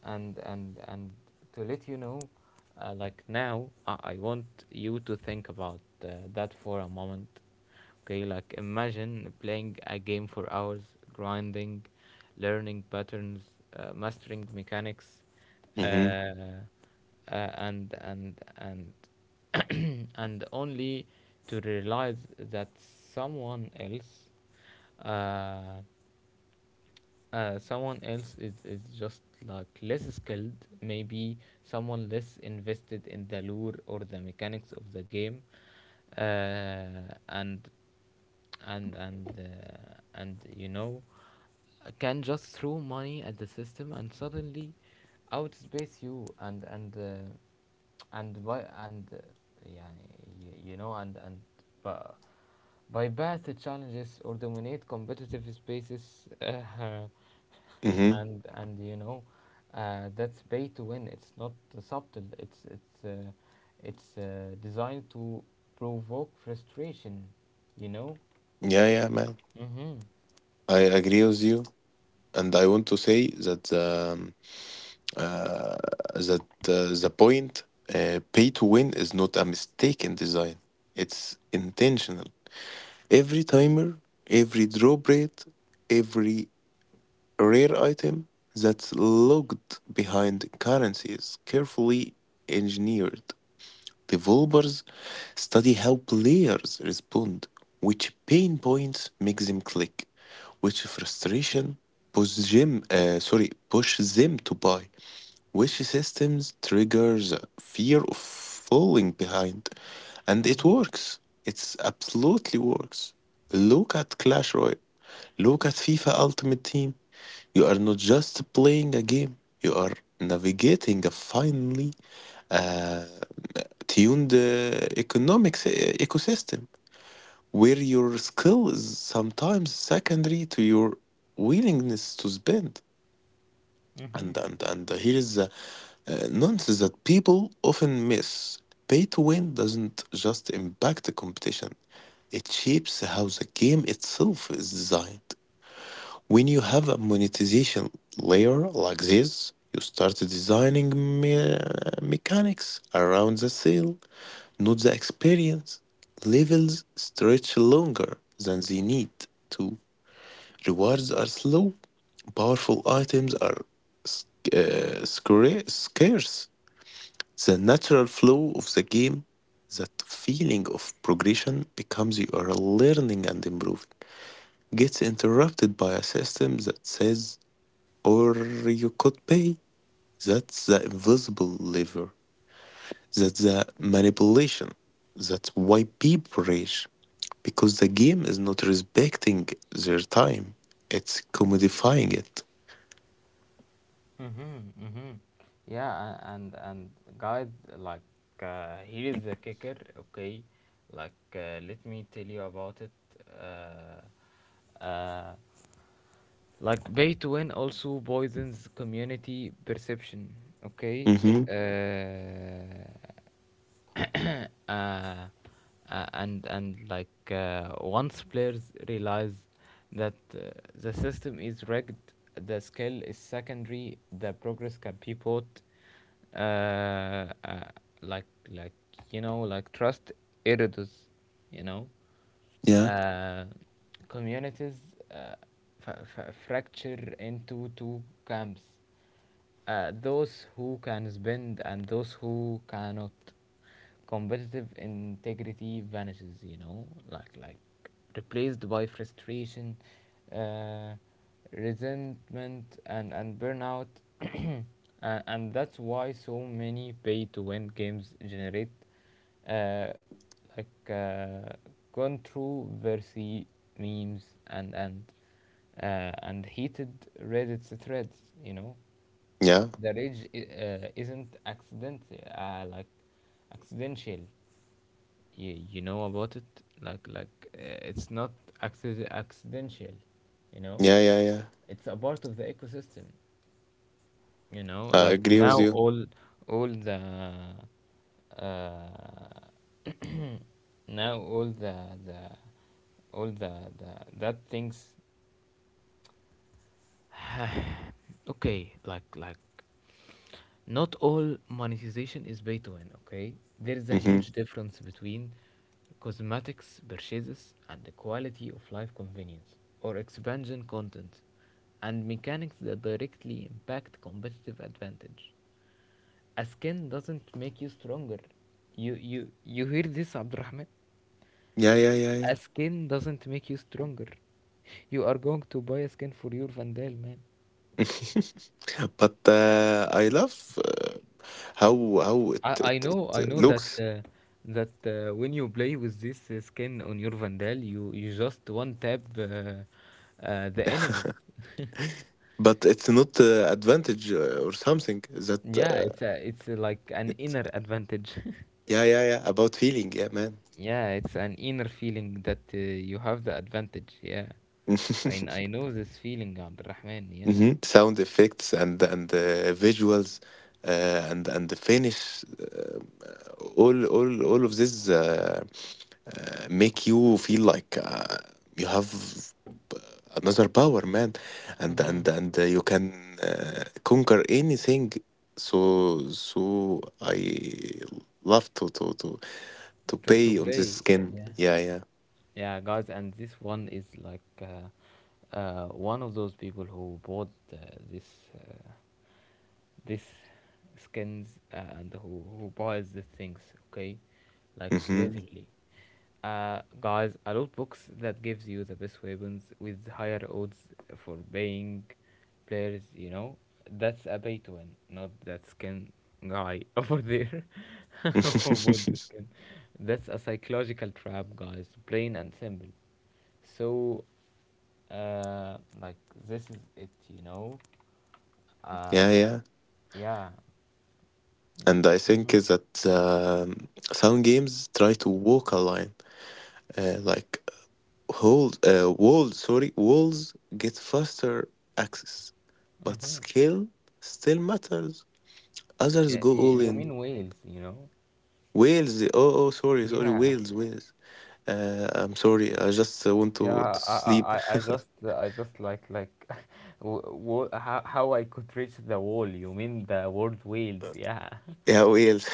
Speaker 1: and to let you know, like now, I want you to think about that for a moment. Okay, like, imagine playing a game for hours, grinding, learning patterns, mastering mechanics, uh,
Speaker 2: Hmm.
Speaker 1: uh, and and and and only to realize that uh, someone else is just like less skilled, maybe someone less invested in the lure or the mechanics of the game, uh, and and you know can just throw money at the system and suddenly outspace you and by and yeah you know and by bypass the challenges or dominate competitive spaces.
Speaker 2: Hmm.
Speaker 1: And you know That's pay to win. It's not subtle, it's designed to provoke frustration, you know.
Speaker 2: Yeah, yeah, man.
Speaker 1: Mhm.
Speaker 2: I agree with you. And I want to say that uh, the point, pay to win is not a mistake in design. It's intentional. Every timer, every drop rate, every rare item that's locked behind currency is carefully engineered. Developers study how players respond, which pain points make them click, which frustration push them to buy, which systems triggers fear of falling behind, and it
Speaker 1: Mhm.
Speaker 2: works. It's absolutely works. Look at Clash Royale. Look at FIFA Ultimate Team. You are not just playing a game. You are navigating a finely uh, tuned economic ecosystem where your skill is sometimes secondary to your willingness to spend.
Speaker 1: Mhm.
Speaker 2: And Here is the nonsense that people often miss. Pay to win doesn't just impact the competition, it shapes how the game itself is designed. When you have a monetization layer like this, you start designing mechanics around the sale. Note the experience levels stretch longer than they need to, rewards are slow, powerful items are sc- scarce. The natural flow of the game, that feeling of progression becomes you are learning and improving, gets interrupted by a system that says, or you could pay. That's the invisible lever. That's the manipulation. That's why people rage, because the game is not respecting their time. It's commodifying it.
Speaker 1: Mhm. Mhm. Yeah, and guys, like here is the kicker, okay. Let me tell you about it. uh, uh, Like, pay to win also poisons community perception. Okay.
Speaker 2: Mm-hmm.
Speaker 1: Uh, uh, uh, and once players realize that the system is rigged, the skill is secondary. The progress can pivot. Uh, uh, like like you know, like, trust erodes, you know.
Speaker 2: Yeah.
Speaker 1: Uh, communities uh, fracture into two camps, those who can spend and those who cannot. Competitive integrity vanishes, you know, like like replaced by frustration, uh, resentment, and burnout. and, and that's why so many pay to win games generate uh, like uh, gone through Versi memes and heated Reddit threads. You know,
Speaker 2: Yeah.
Speaker 1: the rage isn't uh, like accidental. You know about it, it's not accidental. You know,
Speaker 2: Yeah. Yeah. Yeah.
Speaker 1: it's a part of the ecosystem, you know.
Speaker 2: I
Speaker 1: Like,
Speaker 2: agree with
Speaker 1: now
Speaker 2: you.
Speaker 1: all the uh, now all the the all the that things. Okay, like, not all monetization is pay to win, okay. There is a
Speaker 2: Mm-hmm.
Speaker 1: huge difference between cosmetics purchases and the quality of life convenience or expansion content, and mechanics that directly impact competitive advantage. A skin doesn't make you stronger. You hear this, Abdurrahman?
Speaker 2: Yeah. Yeah. Yeah. Yeah.
Speaker 1: A skin doesn't make you stronger. You are going to buy a skin for your Vandal, man.
Speaker 2: But I love how how it,
Speaker 1: I
Speaker 2: it, it
Speaker 1: know, I
Speaker 2: uh,
Speaker 1: know that
Speaker 2: looks.
Speaker 1: that when you play with this skin on your Vandal, you just one tap the enemies.
Speaker 2: But it's not advantage or something that
Speaker 1: Yeah,
Speaker 2: uh,
Speaker 1: it's a, like an
Speaker 2: It's
Speaker 1: inner advantage.
Speaker 2: yeah, yeah, yeah, about feeling, yeah, man.
Speaker 1: Yeah, it's an inner feeling that you have the advantage. Yeah, I know this feeling, Abdurrahman. Yeah.
Speaker 2: Hmm. Sound effects and visuals, and the finish, all of this make you feel like you have uh, another power, man,
Speaker 1: Mm-hmm.
Speaker 2: and you can conquer anything. So I love to
Speaker 1: To
Speaker 2: pay on
Speaker 1: play.
Speaker 2: this skin.
Speaker 1: Yeah.
Speaker 2: Yeah, yeah.
Speaker 1: Yeah, guys, and this one is like one of those people who bought this. Uh, this skins and who buys the things, okay, like
Speaker 2: Hmm.
Speaker 1: literally. Uh, guys, a loot box that gives you the best weapons with higher odds for paying players, you know, that's a pay to win, not that skin guy over there who bought the skin. That's a psychological trap, guys, plain and simple. So, uh, like this is it, you know. uh,
Speaker 2: Yeah, yeah.
Speaker 1: yeah.
Speaker 2: And I think
Speaker 1: Mm-hmm.
Speaker 2: is that some games try to walk a line, like hold walls. Sorry, walls get faster access, but
Speaker 1: Mm-hmm.
Speaker 2: skill still matters. Others
Speaker 1: Yeah,
Speaker 2: go all
Speaker 1: you
Speaker 2: in.
Speaker 1: mean whales, you know.
Speaker 2: Wales. Oh, oh, sorry, sorry.
Speaker 1: Yeah,
Speaker 2: Wales, Wales. I'm sorry. I just want
Speaker 1: yeah.
Speaker 2: to
Speaker 1: I,
Speaker 2: sleep.
Speaker 1: I, I I just, I just like, w w how I could reach the wall. You mean the word whales? Yeah.
Speaker 2: Yeah, Wales.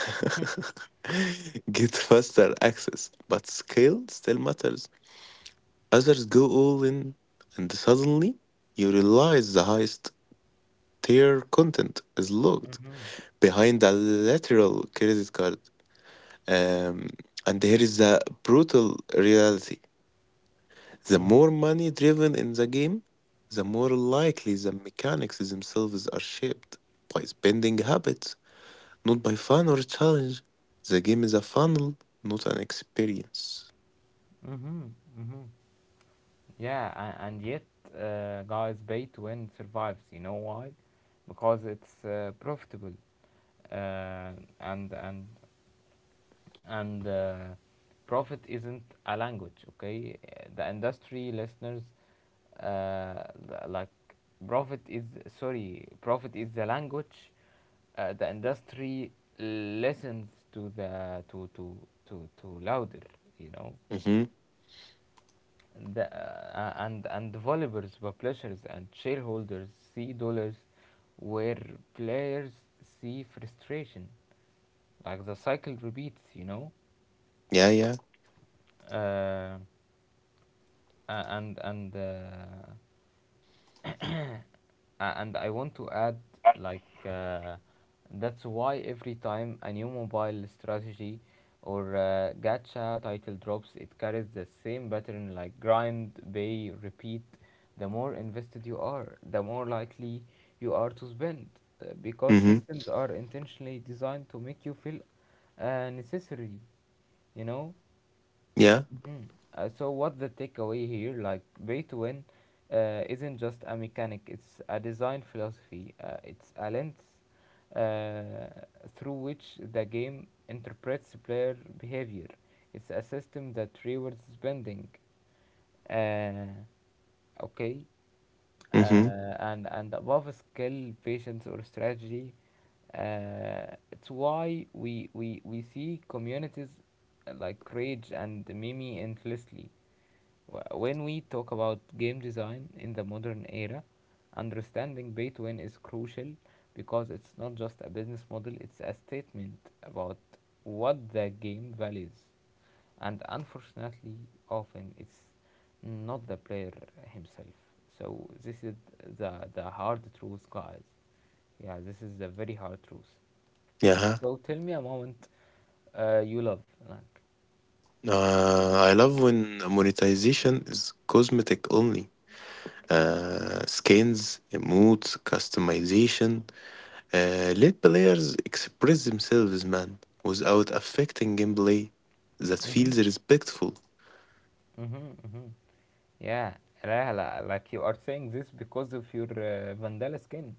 Speaker 2: Get faster access, but skill still matters. Others go all in, and suddenly you realize the highest tier content is locked
Speaker 1: Mm-hmm.
Speaker 2: behind a literal credit card. Um, and here is the brutal reality: the more money driven in the game, the more likely the mechanics themselves are shaped by spending habits, not by fun or challenge. The game is a funnel, not an experience.
Speaker 1: Mm-hmm. Mm-hmm. And yet, guys, pay to win survives. You know why? Because it's profitable, uh, and and and profit isn't a language, okay. The industry listeners, uh, like profit is, sorry, profit is the language the industry listens to, the to louder, you know.
Speaker 2: Mm-hmm.
Speaker 1: The, uh, and and developers, publishers, and shareholders see dollars where players see frustration. Like, the cycle repeats, you know.
Speaker 2: Yeah, yeah.
Speaker 1: Uh, and and uh, and I want to add, like uh, that's why every time a new mobile strategy or gacha title drops, it carries the same pattern, like grind, pay, repeat. The more invested you are, the more likely you are to spend, because
Speaker 2: Mm-hmm.
Speaker 1: systems are intentionally designed to make you feel necessary, you know.
Speaker 2: Yeah.
Speaker 1: Mhm. So what's the takeaway here? Like, pay to win isn't just a mechanic; it's a design philosophy. It's a lens uh, through which the game interprets player behavior. It's a system that rewards spending. Uh, okay,
Speaker 2: Mm-hmm.
Speaker 1: and above skill, patience, or strategy. It's why we see communities like Rage and Mimi endlessly. When we talk about game design in the modern era, understanding pay to win is crucial, because it's not just a business model, it's a statement about what the game values. And unfortunately, often it's not the player himself. So this is the hard truth, guys. Yeah, this is the very hard truth.
Speaker 2: Yeah.
Speaker 1: So tell me a moment you love. Like,
Speaker 2: I love when monetization is cosmetic only. Skins, emotes, customization. Let players express themselves, man, without affecting gameplay. That feels
Speaker 1: mm-hmm,
Speaker 2: respectful.
Speaker 1: mm-hmm, mm-hmm. Yeah, Rahla, like you are saying this because of your Vandala skin.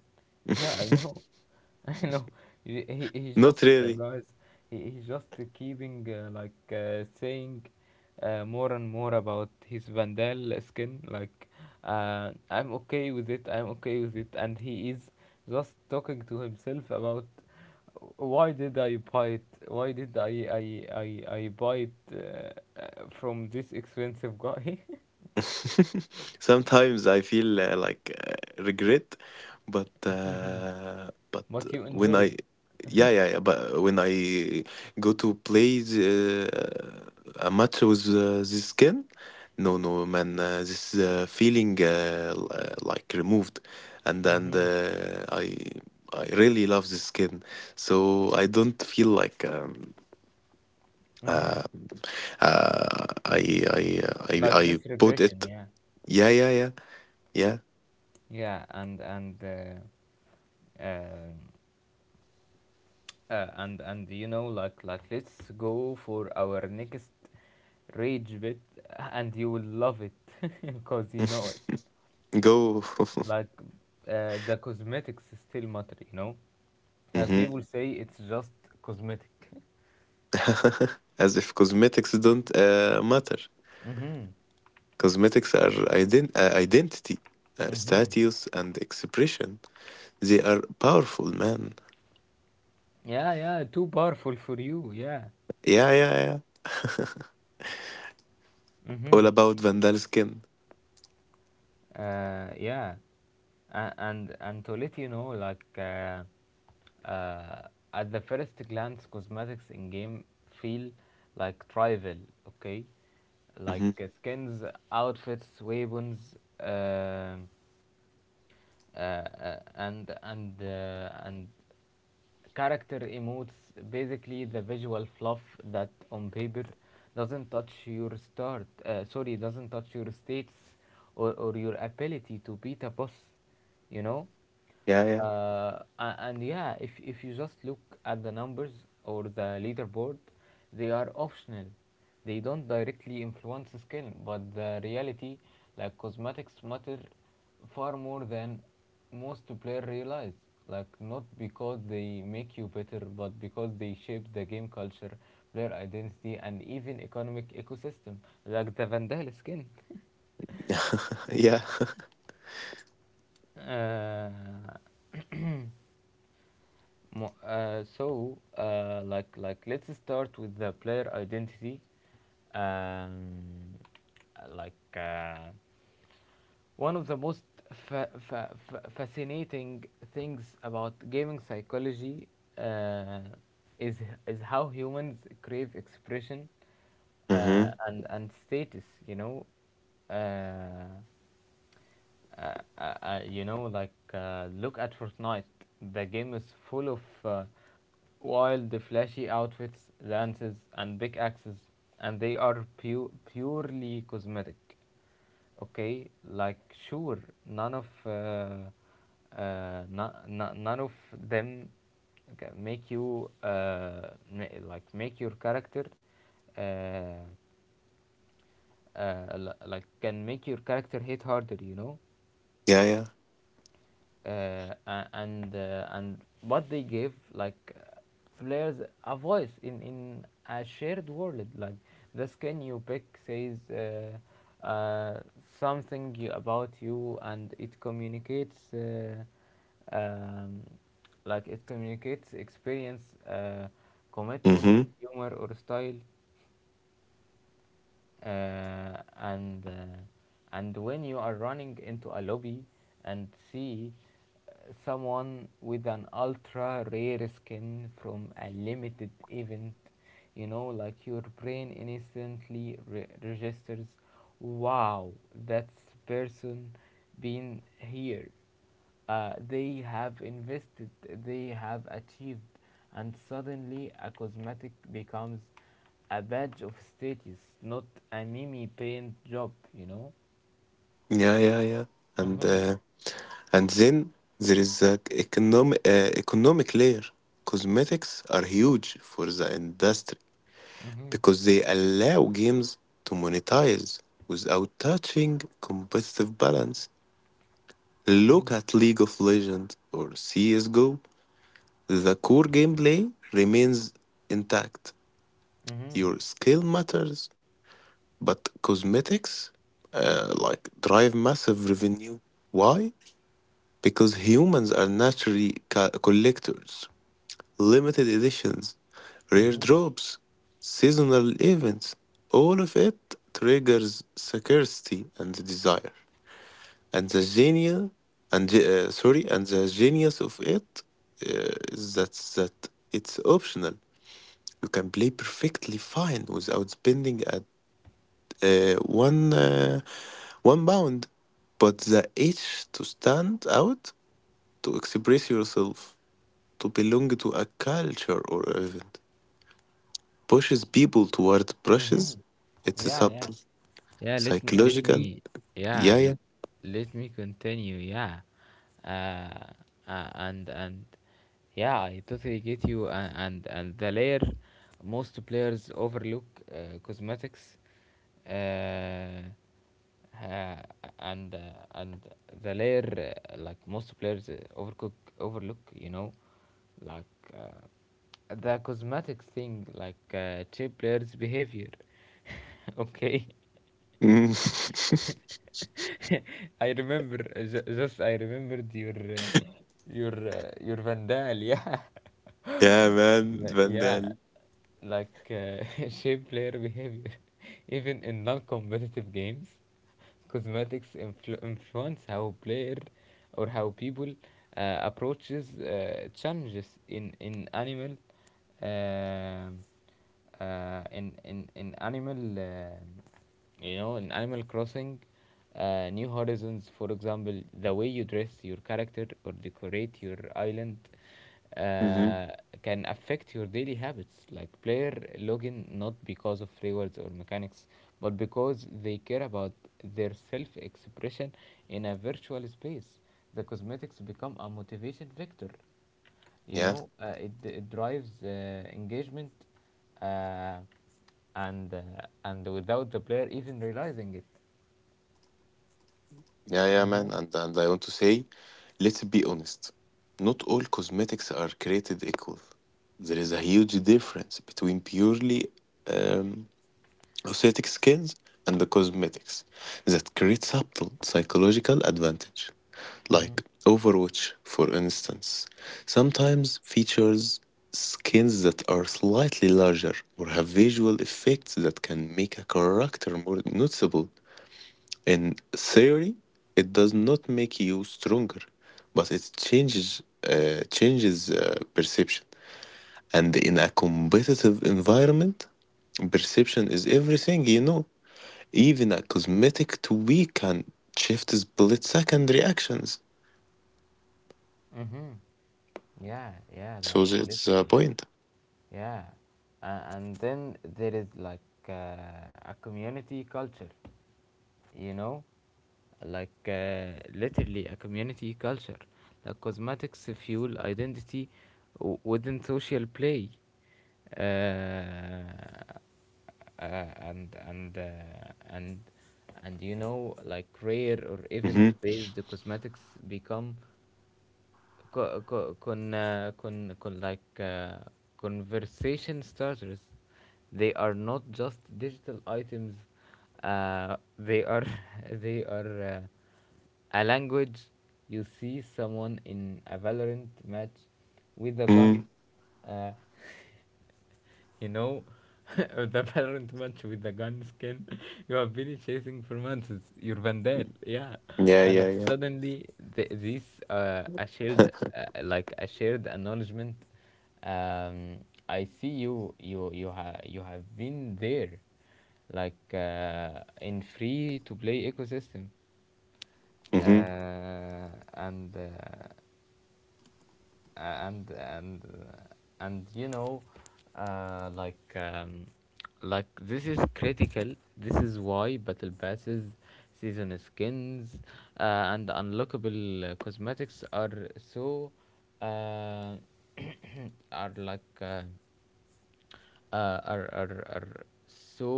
Speaker 1: Yeah, I know. I know, he, he's just,
Speaker 2: Not really.
Speaker 1: guys, he's just keeping like saying more and more about his Vandal skin, like, I'm okay with it, I'm okay with it, and he is just talking to himself about why did I buy it, why did I buy it from this expensive guy.
Speaker 2: Sometimes I feel like regret, but
Speaker 1: But you
Speaker 2: when
Speaker 1: enjoy.
Speaker 2: I yeah yeah yeah but when I go to play a match with this skin. No, no, man, this feeling like removed, and
Speaker 1: Hmm.
Speaker 2: I really love this skin, so I don't feel like.
Speaker 1: Hmm.
Speaker 2: Uh, I,
Speaker 1: Like
Speaker 2: I
Speaker 1: this
Speaker 2: put it,
Speaker 1: regression, yeah.
Speaker 2: yeah, yeah, yeah, yeah.
Speaker 1: Yeah. And and uh, Um, uh, and and you know, let's go for our next rage bit and you will love it because you know it.
Speaker 2: Go.
Speaker 1: like the cosmetics still matter, you know. Like
Speaker 2: Hmm.
Speaker 1: people say it's just cosmetic.
Speaker 2: As if cosmetics don't matter.
Speaker 1: Mm-hmm.
Speaker 2: Cosmetics are identity,
Speaker 1: Mm-hmm.
Speaker 2: status, and expression. They are powerful, man.
Speaker 1: Yeah, yeah, too powerful for you, yeah.
Speaker 2: Yeah, yeah, yeah.
Speaker 1: Mm-hmm.
Speaker 2: All about Vandal skin.
Speaker 1: Yeah. And to let you know, uh, at the first glance, cosmetics in game feel like trivial, okay. Like,
Speaker 2: Hmm.
Speaker 1: skins, outfits, weapons, and character emotes, basically the visual fluff that on paper doesn't touch your start sorry doesn't touch your states or your ability to beat a boss, you know.
Speaker 2: Yeah, yeah.
Speaker 1: And yeah, if you just look at the numbers or the leaderboard, they are optional. They don't directly influence skill, but the reality, like, cosmetics matter far more than most players realize. Like, not because they make you better, but because they shape the game culture, player identity, and even economic ecosystem. Like the vandal skin.
Speaker 2: Yeah.
Speaker 1: uh, let's start with the player identity. Um, like, one of the most fascinating things about gaming psychology uh, is how humans crave expression
Speaker 2: Hmm.
Speaker 1: and status. Uh, you know, look at Fortnite. The game is full of wild, flashy outfits, lances, and pickaxes, and they are purely cosmetic. Okay, like, sure, none of none of them make you like make your character uh, like can make your character hit harder. You know.
Speaker 2: Yeah, yeah.
Speaker 1: uh, and what they give, like, players a voice in a shared world. Like, the skin you pick says something about you, and it communicates um, like, it communicates experience, commitment,
Speaker 2: Hmm.
Speaker 1: humor, or style, uh, and uh, and when you are running into a lobby and see uh, someone with an ultra rare skin from a limited event, you know, like, your brain instantly registers, wow, that's person been here, they have invested, they have achieved, and suddenly a cosmetic becomes a badge of status, not a mimi paint job, you know?
Speaker 2: Yeah, yeah, yeah. And
Speaker 1: Mm-hmm.
Speaker 2: uh, and then there is the economic layer. Cosmetics are huge for the industry
Speaker 1: Mm-hmm.
Speaker 2: because they allow games to monetize without touching competitive balance. Look at League of Legends or CSGO. The core gameplay remains intact.
Speaker 1: Mm-hmm.
Speaker 2: Your skill matters, but cosmetics like drive massive revenue. Why? Because humans are naturally collectors. Limited editions, rare
Speaker 1: Mm-hmm.
Speaker 2: drops, seasonal events, all of it triggers scarcity and desire. And the genius, and and the genius of it is that it's optional. You can play perfectly fine without spending at one £1, but the itch to stand out, to express yourself, to belong to a culture or event pushes people toward brushes.
Speaker 1: Mm-hmm.
Speaker 2: It's a
Speaker 1: Yeah, yeah.
Speaker 2: subtle,
Speaker 1: Yeah, let me let
Speaker 2: psychological.
Speaker 1: me, yeah,
Speaker 2: Yeah, yeah.
Speaker 1: let me continue. Yeah. Uh, and yeah, I totally get you, and the layer most players overlook, cosmetics uh, uh, and uh, and the layer, most players overcook overlook, you know, like, the cosmetics thing, chip players behavior. Okay.
Speaker 2: Mm.
Speaker 1: I remember, ju- just I remembered your your vandal, yeah.
Speaker 2: Yeah, man,
Speaker 1: Like, yeah,
Speaker 2: Vandal.
Speaker 1: like uh, shape player behavior, even in non-competitive games, cosmetics influence how player, or how people approaches challenges in animal. Um in animal you know, in Animal Crossing, New Horizons, for example, the way you dress your character or decorate your island
Speaker 2: Hmm.
Speaker 1: uh, can affect your daily habits. Like, player login not because of rewards or mechanics, but because they care about their self-expression in a virtual space. The cosmetics become a motivation vector, you
Speaker 2: Yeah,
Speaker 1: know. It, it drives engagement, uh, and uh, and without the player even realizing it.
Speaker 2: yeah, yeah, man. And I want to say, let's be honest. Not all cosmetics are created equal. There is a huge difference between purely um, aesthetic skins and the cosmetics that create subtle psychological advantage, like
Speaker 1: Mm-hmm.
Speaker 2: Overwatch, for instance, sometimes features skins that are slightly larger or have visual effects that can make a character more noticeable. In theory, it does not make you stronger, but it changes perception. And in a competitive environment, perception is everything. You know, even a cosmetic tweak can shift split second reactions.
Speaker 1: Mm-hmm. Yeah, yeah,
Speaker 2: So
Speaker 1: like
Speaker 2: that's the
Speaker 1: literally
Speaker 2: point.
Speaker 1: yeah. And then there is uh, a community culture, you know, like uh, literally a community culture, like cosmetics fuel identity within social play. uh, uh, and and uh, and and you know, like rare or
Speaker 2: Mm-hmm.
Speaker 1: event based cosmetics become co- co- con, uh, con, con like uh, conversation starters. They are not just digital items. They are they are a language. You see someone in a valorant match with a gun.
Speaker 2: Mm-hmm.
Speaker 1: uh, you know, the Valorant match with the gun skin you have been chasing for months. It's your Vandal, yeah.
Speaker 2: Yeah, yeah,
Speaker 1: And
Speaker 2: yeah.
Speaker 1: suddenly, this a shared, like a shared acknowledgement. Um, I see you. You you have been there, in free to play ecosystem.
Speaker 2: Mm-hmm.
Speaker 1: Uh, and. Uh, and you know, uh, like um, this is critical. This is why battle passes, season skins and unlockable cosmetics are so uh, are like are so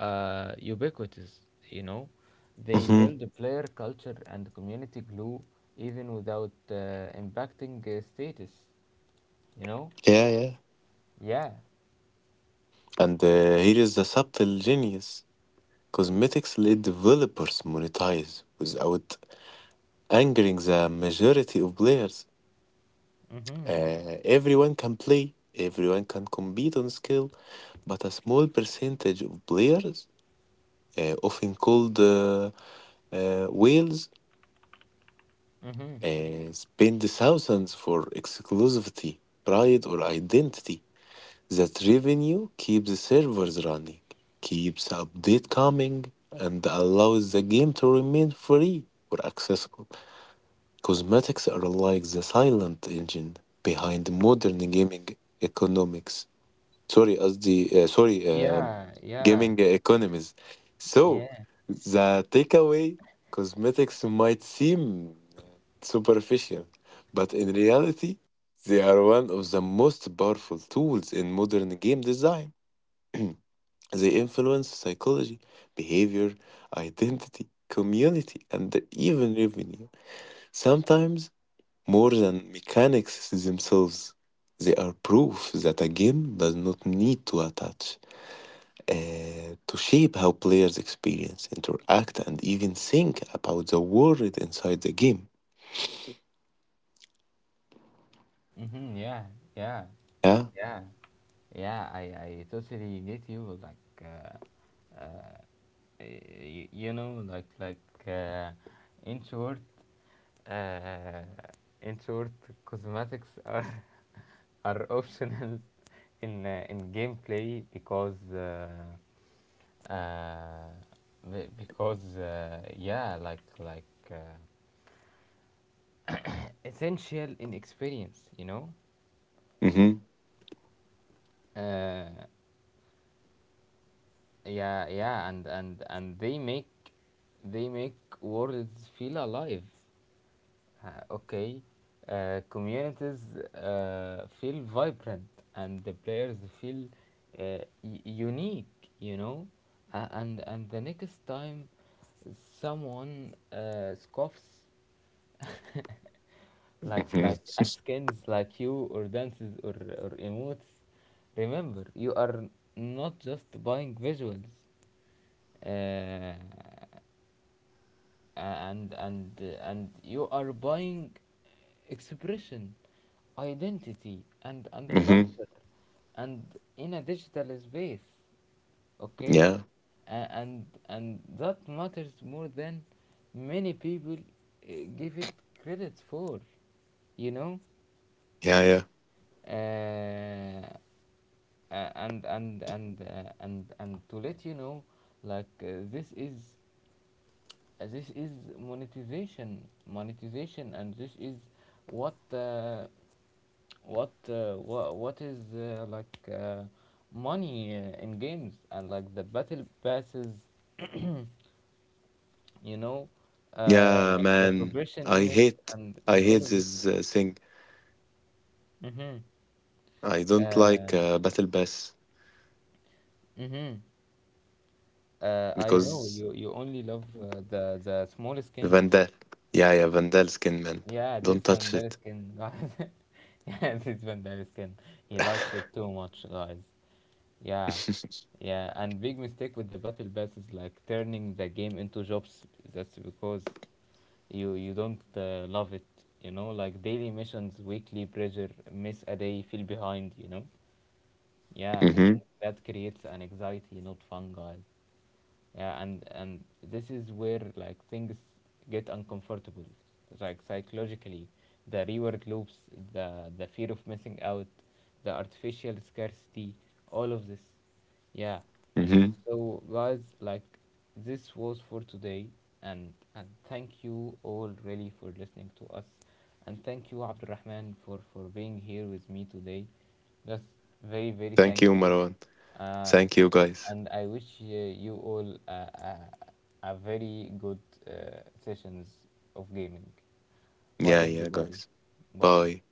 Speaker 1: ubiquitous. You know, they
Speaker 2: Mm-hmm.
Speaker 1: build a player culture and community glue even without impacting status. You know,
Speaker 2: Yeah, yeah.
Speaker 1: yeah.
Speaker 2: And here is the subtle genius. Cosmetics let developers monetize without angering the majority of players.
Speaker 1: Mm-hmm.
Speaker 2: Everyone can play, everyone can compete on skill, but a small percentage of players, often called whales,
Speaker 1: Mm-hmm.
Speaker 2: spend thousands for exclusivity, pride, or identity. That revenue keeps servers running, keeps updates coming, and allows the game to remain free or accessible. Cosmetics are like the silent engine behind modern gaming economics. Sorry, قصدي sorry
Speaker 1: Yeah, yeah,
Speaker 2: gaming economies. So
Speaker 1: yeah.
Speaker 2: the takeaway: cosmetics might seem superficial, but in reality they are one of the most powerful tools in modern game design. They influence psychology, behavior, identity, community, and even revenue, sometimes more than mechanics themselves. They are proof that a game does not need to attach to shape how players experience, interact, and even think about the world inside the game.
Speaker 1: Mm-hmm, yeah, yeah,
Speaker 2: Yeah.
Speaker 1: yeah, yeah. I totally get you. Like, uh, y- you know, like Introvert. Uh, in short, cosmetics are are optional in gameplay uh, because yeah, uh, essential in experience, you know.
Speaker 2: Mm-hmm.
Speaker 1: Uh, yeah, yeah, and they make worlds feel alive. Uh, okay, communities feel vibrant and the players feel unique, you know. And the next time someone scoffs, like
Speaker 2: Mm-hmm.
Speaker 1: askins like you or dances or emotes, remember you are not just buying visuals. Uh, and and and you are buying expression, identity, and and
Speaker 2: Mm-hmm.
Speaker 1: culture, and in a digital space. Okay.
Speaker 2: Yeah.
Speaker 1: And that matters more than many people give it credit for, you know.
Speaker 2: Yeah. Yeah.
Speaker 1: Uh, a- and and and uh, and and to let you know, like uh, this is this is monetization, monetization, and this is what uh, what is money in games, and like the battle passes, you know, uh,
Speaker 2: Yeah,
Speaker 1: the
Speaker 2: man.
Speaker 1: progression
Speaker 2: I
Speaker 1: in it
Speaker 2: hate. I
Speaker 1: and all
Speaker 2: hate
Speaker 1: of this.
Speaker 2: this thing.
Speaker 1: Mm-hmm.
Speaker 2: I don't like
Speaker 1: Uh,
Speaker 2: Battle Pass
Speaker 1: mm-hmm. Uh, I know
Speaker 2: because
Speaker 1: you you only love the small skins.
Speaker 2: Vandal. Yeah, yeah, Vandal skin, man.
Speaker 1: Yeah, this
Speaker 2: Don't
Speaker 1: Van
Speaker 2: touch
Speaker 1: Der
Speaker 2: it.
Speaker 1: Skin, guys. Yeah, this Van Der Skin. He likes it too much, guys. Yeah, yeah. And big mistake with the battle pass is like turning the game into jobs. That's because you don't love it. You know, like daily missions, weekly pressure, miss a day, feel behind. You know. Yeah,
Speaker 2: Mm-hmm.
Speaker 1: that creates an anxiety, not fun, guys. Yeah, and this is where like things get uncomfortable, like psychologically, the reward loops, the fear of missing out, the artificial scarcity, all of this, yeah.
Speaker 2: Mm-hmm.
Speaker 1: So, guys, like, this was for today, and thank you all really for listening to us, and thank you Abdurrahman for being here with me today. Just very very
Speaker 2: Thank
Speaker 1: thank
Speaker 2: you,
Speaker 1: you,
Speaker 2: Marwan.
Speaker 1: uh,
Speaker 2: Thank you, guys.
Speaker 1: and I wish you all a very good uh, sessions of gaming. Bye
Speaker 2: Yeah, yeah,
Speaker 1: everybody.
Speaker 2: guys.
Speaker 1: Bye.
Speaker 2: Bye.